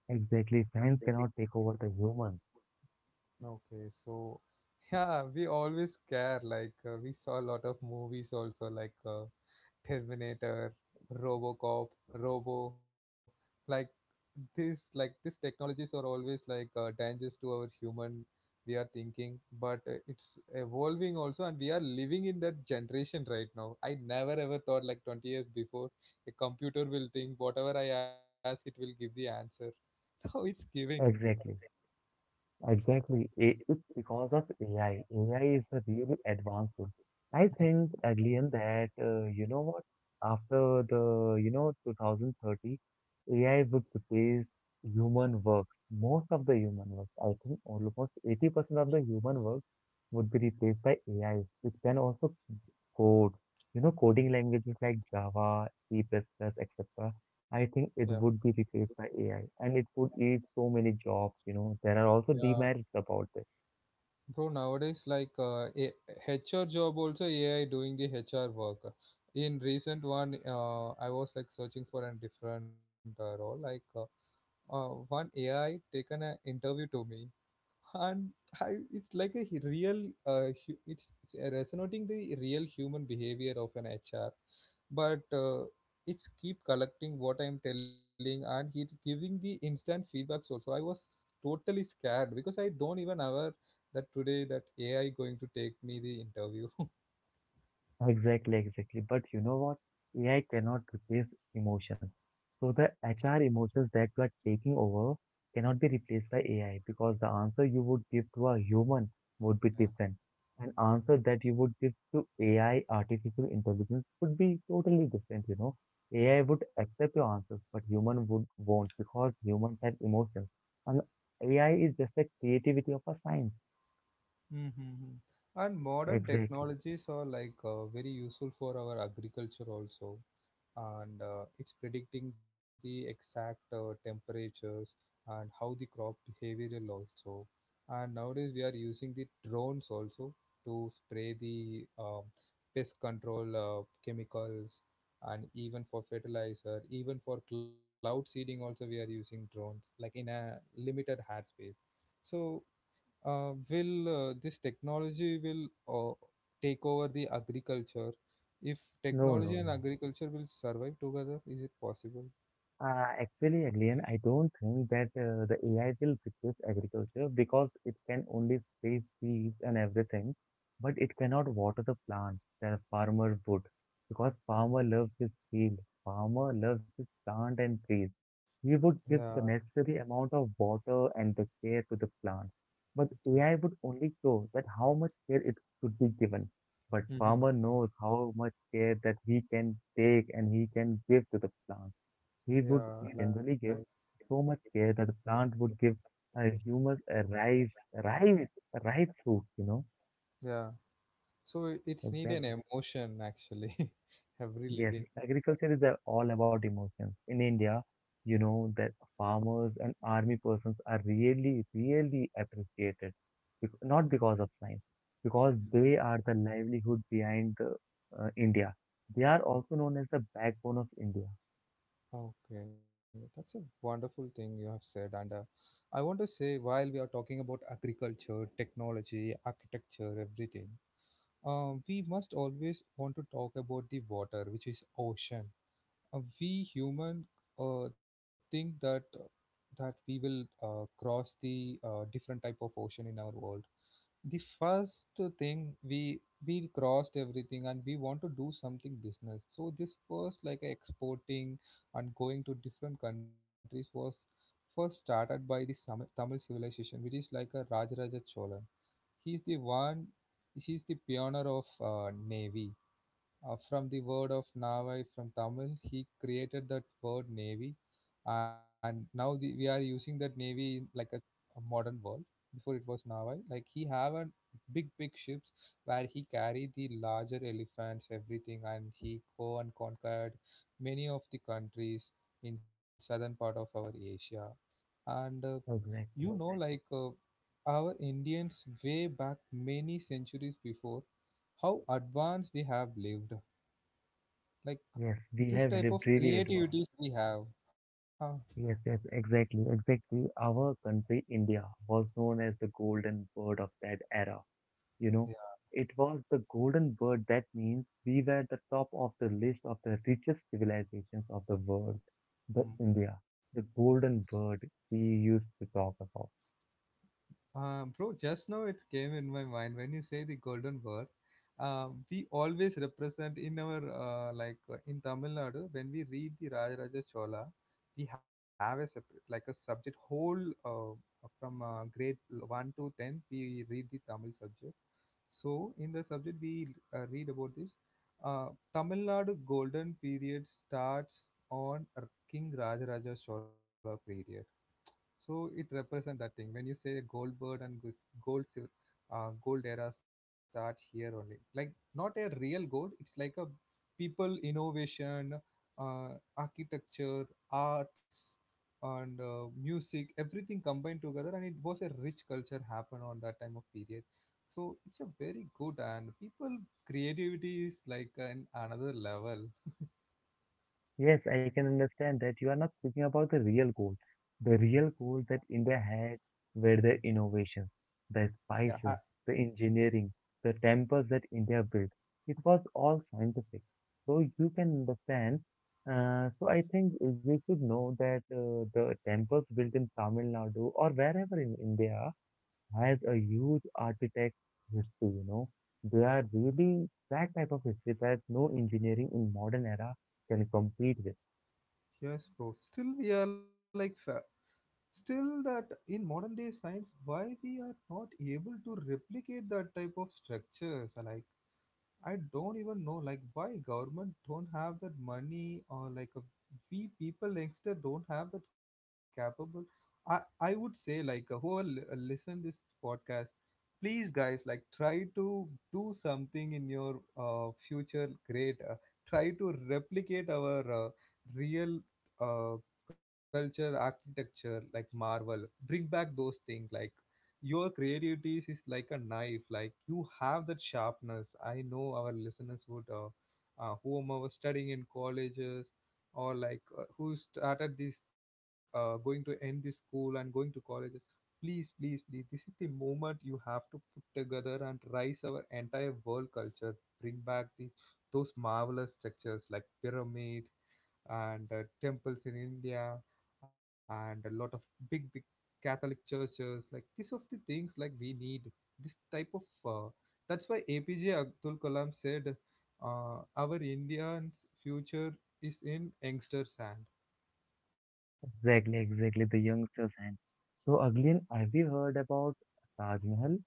[SPEAKER 2] Exactly. Science cannot take over the humans.
[SPEAKER 1] Okay, so yeah, we always care. Like we saw a lot of movies also, like Terminator, RoboCop, Robo, like this, like these technologies are always like dangers to our human. We are thinking, but it's evolving also, and we are living in that generation right now. I never ever thought like 20 years before a computer will think whatever I ask, it will give the answer. Now it's giving.
[SPEAKER 2] Exactly. Exactly. It's because of AI. AI is a really advanced. I think, Adlian, that you know what? After the, 2030, AI would replace human works. Most of the human works, I think almost 80% of the human works would be replaced by AI. It can also code, coding languages like Java, C++, etc. I
[SPEAKER 1] Yeah,
[SPEAKER 2] think it would be replaced by AI and it would eat so many jobs, There are also
[SPEAKER 1] yeah,
[SPEAKER 2] demerits about this.
[SPEAKER 1] bro, nowadays, like a HR job, also AI doing the HR work. In recent one, I was like searching for a different role. Like one AI taken an interview to me, and it's like a real it's resonating the real human behavior of an HR, but it's keep collecting what I'm telling, and he's giving the instant feedbacks also. I was totally scared because I don't even aware that today that AI going to take me the interview.
[SPEAKER 2] Exactly, exactly. But you know what? AI cannot replace emotions. So the HR emotions that you are taking over cannot be replaced by AI because the answer you would give to a human would be different. An answer that you would give to AI, artificial intelligence, would be totally different, AI would accept your answers, but human would won't because humans have emotions. And AI is just a creativity of a science.
[SPEAKER 1] Mm-hmm. And modern
[SPEAKER 2] Exactly.
[SPEAKER 1] technologies are like very useful for our agriculture also, and it's predicting the exact temperatures and how the crop behavioral also. And nowadays we are using the drones also to spray the pest control chemicals and even for fertilizer, even for cloud seeding also we are using drones like in a limited ad space. So will this technology will uh, take over the agriculture, if
[SPEAKER 2] No,
[SPEAKER 1] technology
[SPEAKER 2] no,
[SPEAKER 1] and
[SPEAKER 2] no.
[SPEAKER 1] agriculture will survive together, is it possible?
[SPEAKER 2] Actually, again, I don't think that the AI will replace agriculture because it can only save seeds and everything, but it cannot water the plants that a farmer would because farmer loves his field, farmer loves his plant and trees. He
[SPEAKER 1] Yeah.
[SPEAKER 2] would give the necessary amount of water and the care to the plant, but
[SPEAKER 1] Okay.
[SPEAKER 2] AI would only show that how much care it should be given. But
[SPEAKER 1] Mhm.
[SPEAKER 2] farmer knows how much care that he can take and he can give to the plant. He would
[SPEAKER 1] Yeah, yeah, like,
[SPEAKER 2] generally give so much care that the plant would give a humus a ripe, ripe, ripe fruit,
[SPEAKER 1] yeah, so it's need an
[SPEAKER 2] Exactly.
[SPEAKER 1] emotion actually. Every
[SPEAKER 2] Yes,
[SPEAKER 1] living.
[SPEAKER 2] agriculture is all about emotions. In India, you know that farmers and army persons are really, really appreciated, not because of science, because they are the livelihood behind the, India. They are
[SPEAKER 1] Mm.
[SPEAKER 2] also known as the backbone of India.
[SPEAKER 1] Okay, that's a wonderful thing you have said, and I want to say while we are talking about agriculture, technology, architecture, everything. We must always want to talk about the water, which is ocean. We human think that we will cross the different type of ocean in our world. The first thing we crossed everything, and we want to do something business. So this first like exporting and going to different countries was first started by the Tamil civilization, which is like a Rajaraja Cholan. He's the one. He's the pioneer of navy. From the word of navai from Tamil, he created that word navy, and now we are using that navy in like a modern world. Before it was navai. Like he have a big big ships where he carried the larger elephants, everything, and he go and conquered many of the countries in southern part of our Asia and.
[SPEAKER 2] Exactly.
[SPEAKER 1] Like our Indians way back many centuries before, how advanced we have lived. Like
[SPEAKER 2] Yes, we
[SPEAKER 1] this
[SPEAKER 2] have
[SPEAKER 1] type of
[SPEAKER 2] lived really advanced.
[SPEAKER 1] creativities we have. Huh.
[SPEAKER 2] Yes, yes, exactly, exactly. Our country, India, was known as the golden bird of that era. You know,
[SPEAKER 1] Yeah.
[SPEAKER 2] it was the golden bird that means we were the top of the list of the richest civilizations of the world, the
[SPEAKER 1] Hmm.
[SPEAKER 2] India, the golden bird we used to talk about.
[SPEAKER 1] Bro, just now it came in my mind when you say the golden bird. We always represent in our like in Tamil Nadu when we read the Rajaraja Chola, we have a separate like a subject whole from grade 1 to 10 we read the Tamil subject. So in the subject we read about this. Uh, Tamil Nadu golden period starts on King Rajaraja Chola period. So it represents that thing. When you say gold bird and gold, gold era start here only. Like not a real gold. It's like a people innovation, architecture, arts, and music. Everything combined together, and it was a rich culture happen on that time of period. So it's a very good, and people creativity is like an another level.
[SPEAKER 2] Yes, I can understand that you are not speaking about the real goal that India had were the innovations, the
[SPEAKER 1] Yeah,
[SPEAKER 2] spices, the engineering, the temples that India built. It was all scientific. So you can understand. So I think you should know that the temples built in Tamil Nadu or wherever in India has a huge architect history, you know. They are really that type of history that no engineering in modern era can compete with.
[SPEAKER 1] yes, bro. Still, we are like fa- Still, that in modern day science, why we are not able to replicate that type of structures? Like, I don't even know, like, why government don't have that money or like a, we people youngster don't have that capable. I would say like whoever listen this podcast, please guys like try to do something in your future great try to replicate our real uh, culture architecture like marvel, bring back those things, like your creativity is like a knife, like you have that sharpness. I know our listeners would whom are studying in colleges, or like who started this going to end this school and going to colleges. Please, please, please. This is the moment you have to put together and rise our entire world culture. Bring back the those marvelous structures like pyramid and temples in India and a lot of big, big Catholic churches. Like these of the things, like we need this type of. That's why APJ Abdul Kalam said, "Our Indian's future is in youngster's hand."
[SPEAKER 2] Exactly, exactly, the youngsters and so again, have you heard about Taj Mahal?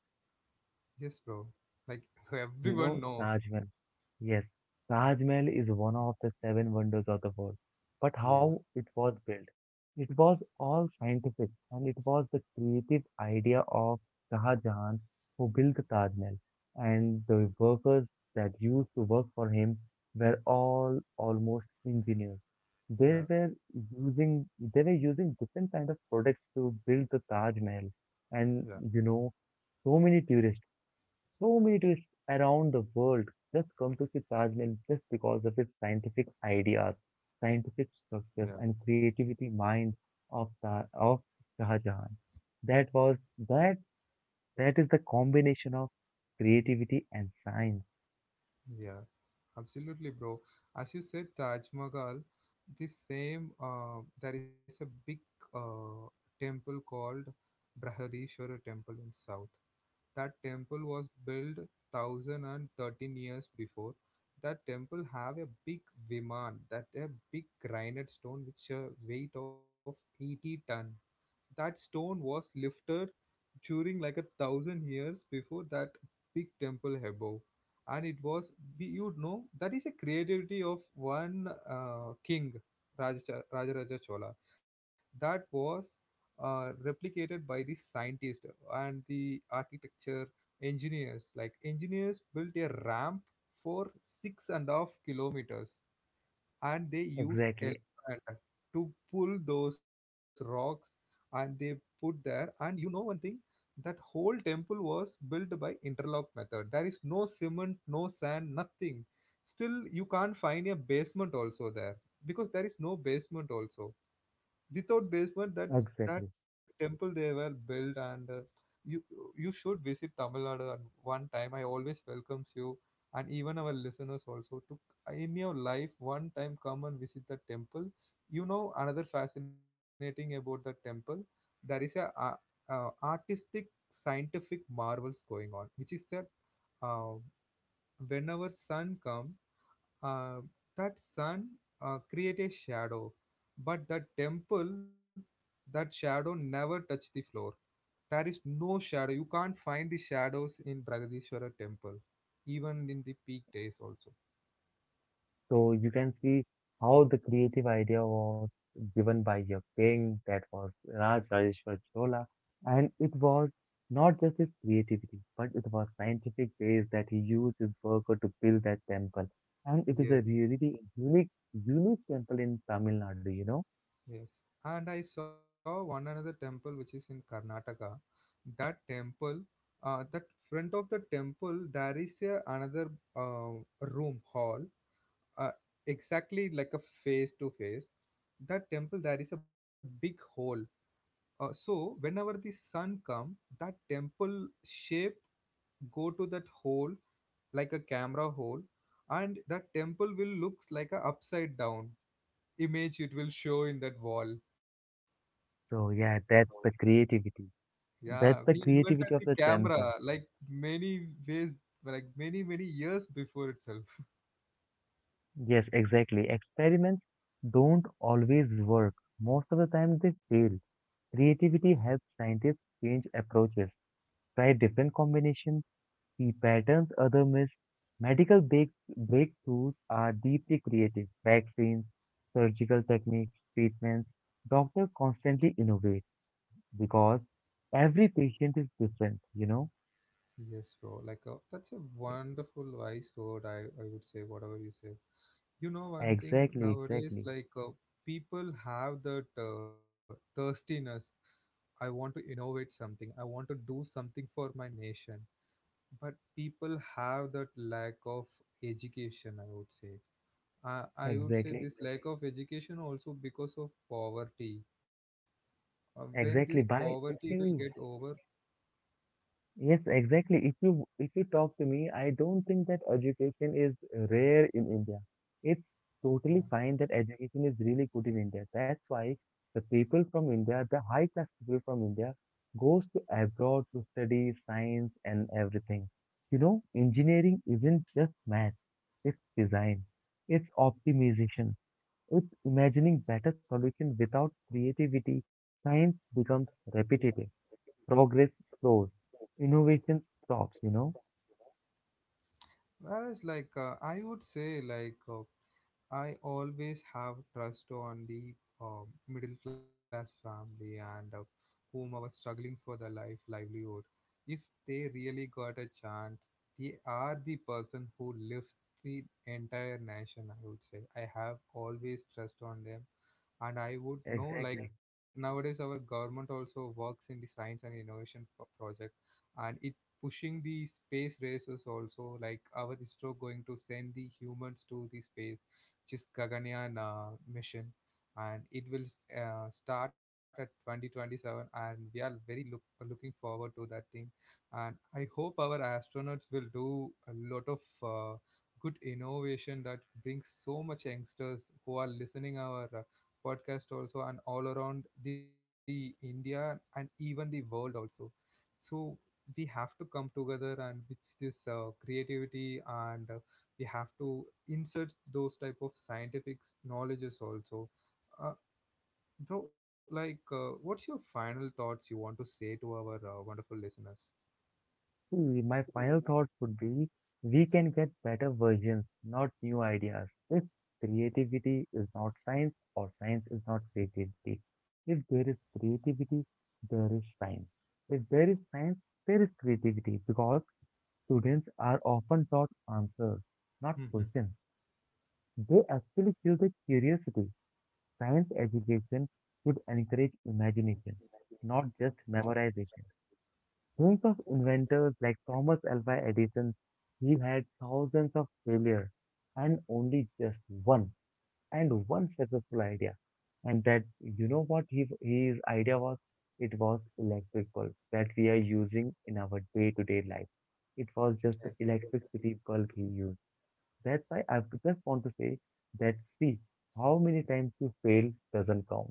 [SPEAKER 1] Yes, bro. Like
[SPEAKER 2] You
[SPEAKER 1] everyone
[SPEAKER 2] know,
[SPEAKER 1] know.
[SPEAKER 2] Taj Mahal. Yes, Taj Mahal is one of the seven wonders of the world. But how
[SPEAKER 1] Yes.
[SPEAKER 2] it was built? It was all scientific and it was the creative idea of Shah Jahan who built the Taj Mahal. And the workers that used to work for him were all almost engineers. They
[SPEAKER 1] Yeah.
[SPEAKER 2] were they were using different kind of products to build the Taj Mahal. And
[SPEAKER 1] Yeah,
[SPEAKER 2] you know, so many tourists so many tourists around the world just come to see Taj Mahal just because of its scientific ideas, scientific
[SPEAKER 1] yeah,
[SPEAKER 2] structures, and creativity mind of Shah Jahan. That was that that is the combination of creativity and science.
[SPEAKER 1] yeah, absolutely, bro. As you said, Taj Mahal, this same, there is a big uh, temple called Brihadishwara Temple in South. That temple was built 1013 years before. That temple have a big viman, that a big granite stone which a weight of 80 ton. That stone was lifted during like a thousand years before that big temple above, and it was you know that is a creativity of one king, Raja Rajaraja Chola, that was replicated by the scientists and the architecture engineers. Like engineers built a ramp for 6.5 kilometers, and they used
[SPEAKER 2] Exactly,
[SPEAKER 1] elephant to pull those rocks, and they put there. And you know one thing, that whole temple was built by interlock method. There is no cement, no sand, nothing. Still you can't find a basement also there because there is no basement also. Without basement,
[SPEAKER 2] exactly.
[SPEAKER 1] that temple they were built. And you you should visit Tamil Nadu at one time. I always welcomes you, and even our listeners also to, in your life, one time come and visit the temple. You know another fascinating about the temple, there is a artistic scientific marvels going on, which is that uh, whenever sun come, uh, that sun create a shadow, but the temple, that shadow never touch the floor. There is no shadow. You can't find the shadows in Bragadishwara temple, even in the peak days also.
[SPEAKER 2] So you can see how the creative idea was given by your king, that was Raj Rajeshwar Chola, and it was not just his creativity, but it was scientific ways that he used his worker to build that temple. And it is a
[SPEAKER 1] Yes,
[SPEAKER 2] really unique, unique temple in Tamil Nadu, you know?
[SPEAKER 1] yes. And I saw one another temple which is in Karnataka. That temple, that front of the temple, there is a another room hall, uh, exactly like a face to face. That temple there is a big hole, so whenever the sun come, that temple shape go to that hole like a camera hole, and that temple will looks like a upside down image it will show in that wall.
[SPEAKER 2] So yeah, that's the creativity.
[SPEAKER 1] Yeah,
[SPEAKER 2] That's the
[SPEAKER 1] we invented
[SPEAKER 2] creativity
[SPEAKER 1] the
[SPEAKER 2] of the temple.
[SPEAKER 1] camera like many ways, like many many years before itself.
[SPEAKER 2] Yes, exactly. Experiments don't always work. Most of the time they fail. Creativity helps scientists change approaches, try different combinations, see patterns other miss. Medical breakthroughs are deeply creative. Vaccines, surgical techniques, treatments. Doctors constantly innovate because every patient is different,
[SPEAKER 1] Yes, bro. Like that's a wonderful wise word. I would say whatever you say. You know one thing
[SPEAKER 2] Exactly,
[SPEAKER 1] nowadays,
[SPEAKER 2] exactly,
[SPEAKER 1] like people have that thirstiness. I want to innovate something. I want to do something for my nation. But people have that lack of education. I would say. I would say
[SPEAKER 2] exactly,
[SPEAKER 1] this lack of education also because of poverty. When this
[SPEAKER 2] exactly. By
[SPEAKER 1] poverty
[SPEAKER 2] if
[SPEAKER 1] will get
[SPEAKER 2] you
[SPEAKER 1] over,
[SPEAKER 2] Yes, exactly. If you talk to me, I don't think that education is rare in India. It's totally
[SPEAKER 1] yeah.
[SPEAKER 2] fine that education is really good in India. That's why the people from India, the high class people from India, goes to abroad to study science and everything. You know, engineering isn't just math, it's design, it's optimization, it's imagining better solution without creativity. Science becomes repetitive progress slows, innovation stops,
[SPEAKER 1] Whereas, like, I would say, like, I always have trust on the middle class family, and whom are struggling for their life livelihood. If they really got a chance, they are the person who lifts the entire nation. I would say I have always trust on them, and I would know, like,
[SPEAKER 2] Exactly.
[SPEAKER 1] nowadays our government also works in the science and innovation project, and it pushing the space races also, like our ISRO going to send the humans to the space, which is Gaganyaan mission, and it will start at 2027, and we are very looking forward to that thing. And I hope our astronauts will do a lot of uh, good innovation that brings so much youngsters who are listening our podcast also and all around the India and even the world also. So we have to come together, and with this creativity and we have to insert those type of scientific knowledges also. Uh, bro, like, what's your final thoughts you want to say to our wonderful listeners?
[SPEAKER 2] See, my final thoughts would be we can get better versions, not new ideas. If creativity is not science or science is not creativity. If there is creativity, there is science. If there is science, there is creativity because students are often taught answers, not
[SPEAKER 1] Mm-hmm.
[SPEAKER 2] questions. They actually feel the curiosity. Science education should encourage imagination, not
[SPEAKER 1] Yeah.
[SPEAKER 2] just memorization. Think of inventors like Thomas Alva Edison. He had thousands of failures and only just one and one successful idea. And that his idea was? It was electric bulb that we are using in our day-to-day life. It was just the electricity bulb he used. That's why I just want to say that see, how many times you fail doesn't count.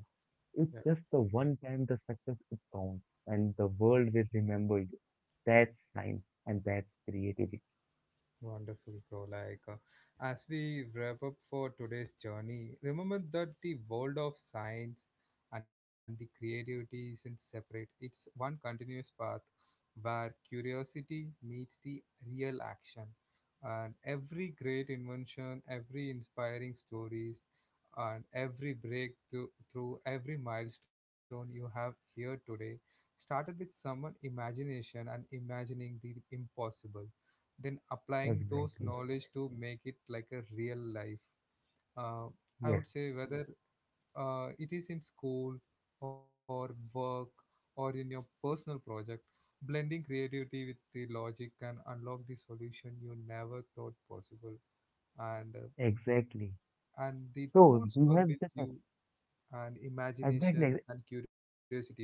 [SPEAKER 2] It's
[SPEAKER 1] Yeah.
[SPEAKER 2] just the one time the success is counts, and the world will remember you. That's science and that's creativity.
[SPEAKER 1] Wonderful, bro. Like, as we wrap up for today's journey, remember that the world of science and the creativity isn't separate. It's one continuous path where curiosity meets the real action. And every great invention, every inspiring stories, and every breakthrough, through every milestone you have here today, started with someone imagination and imagining the impossible, then applying those
[SPEAKER 2] Exactly.
[SPEAKER 1] knowledge to make it like a real life. Uh, i
[SPEAKER 2] Yes,
[SPEAKER 1] would say whether it is in school or work or in your personal project, blending creativity with the logic can unlock the solution you never thought possible. And
[SPEAKER 2] exactly.
[SPEAKER 1] and the
[SPEAKER 2] So
[SPEAKER 1] tools
[SPEAKER 2] we
[SPEAKER 1] were
[SPEAKER 2] have
[SPEAKER 1] with
[SPEAKER 2] just
[SPEAKER 1] you and
[SPEAKER 2] exactly
[SPEAKER 1] imagination and curiosity also.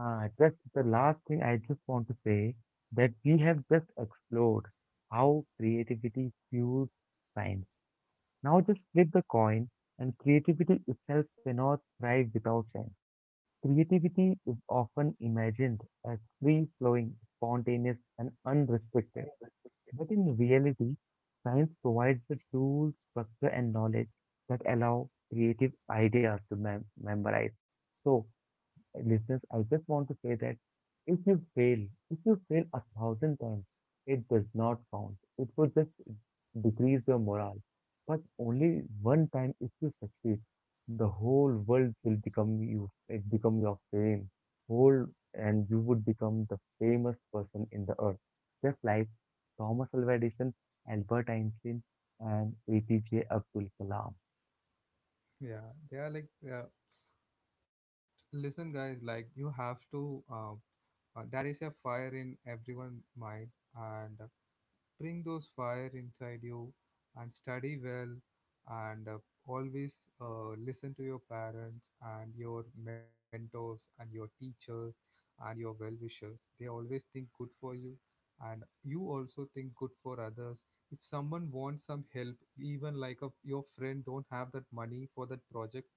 [SPEAKER 2] just the last thing I just want to say that we have just explored how creativity fuels science. Now just flip the coin, and creativity itself cannot thrive without science. Creativity is often imagined as free flowing, spontaneous, and unrestricted. But in reality, science provides the tools, structure, and knowledge that allow creative ideas to memorize. So, listeners, I just want to say that if you fail, if you fail a thousand times, it does not count. It will just decrease your morale. But only one time, if you succeed, the whole world will become you. It become your fame, whole, and you would become the famous person in the earth. Just like Thomas Alva Edison, Albert Einstein, and APJ Abdul Kalam.
[SPEAKER 1] Yeah, they are like. Uh, listen guys, like you have to there is a fire in everyone mind. And bring those fire inside you and study well, and always listen to your parents and your mentors and your teachers and your well-wishers. They always think good for you, and you also think good for others. If someone wants some help, even like a, your friend don't have that money for that project,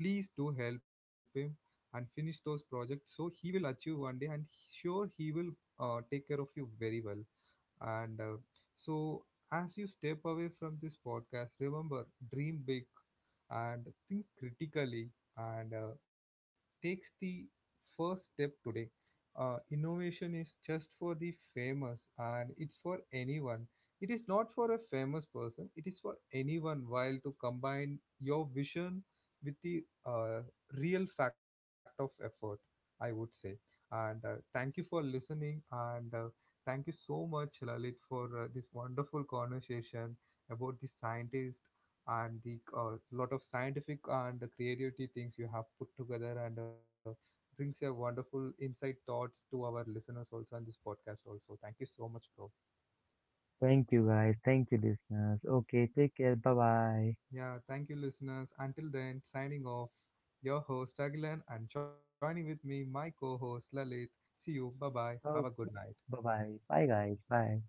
[SPEAKER 1] please do help him and finish those projects so he will achieve one day, and sure he will take care of you very well. And so, as you step away from this podcast, remember, dream big and think critically, and takes the first step today. Innovation is just for the famous and it's for anyone. It is not for a famous person, it is for anyone while to combine your vision with the real fact of effort, I would say. And thank you for listening. And thank you so much, Lalit, for this wonderful conversation about the scientist and the lot of scientific and the creativity things you have put together and brings a wonderful insight thoughts to our listeners also on this podcast also. Thank you so much, bro.
[SPEAKER 2] Thank you guys. Thank you listeners. Okay, take care. Bye bye.
[SPEAKER 1] Yeah, thank you, listeners. Until then, signing off, your host, Agilan, and joining with me, my co host, Lalit. See you. Bye bye. Have a good
[SPEAKER 2] Okay.
[SPEAKER 1] night.
[SPEAKER 2] Bye bye. Bye, guys. Bye.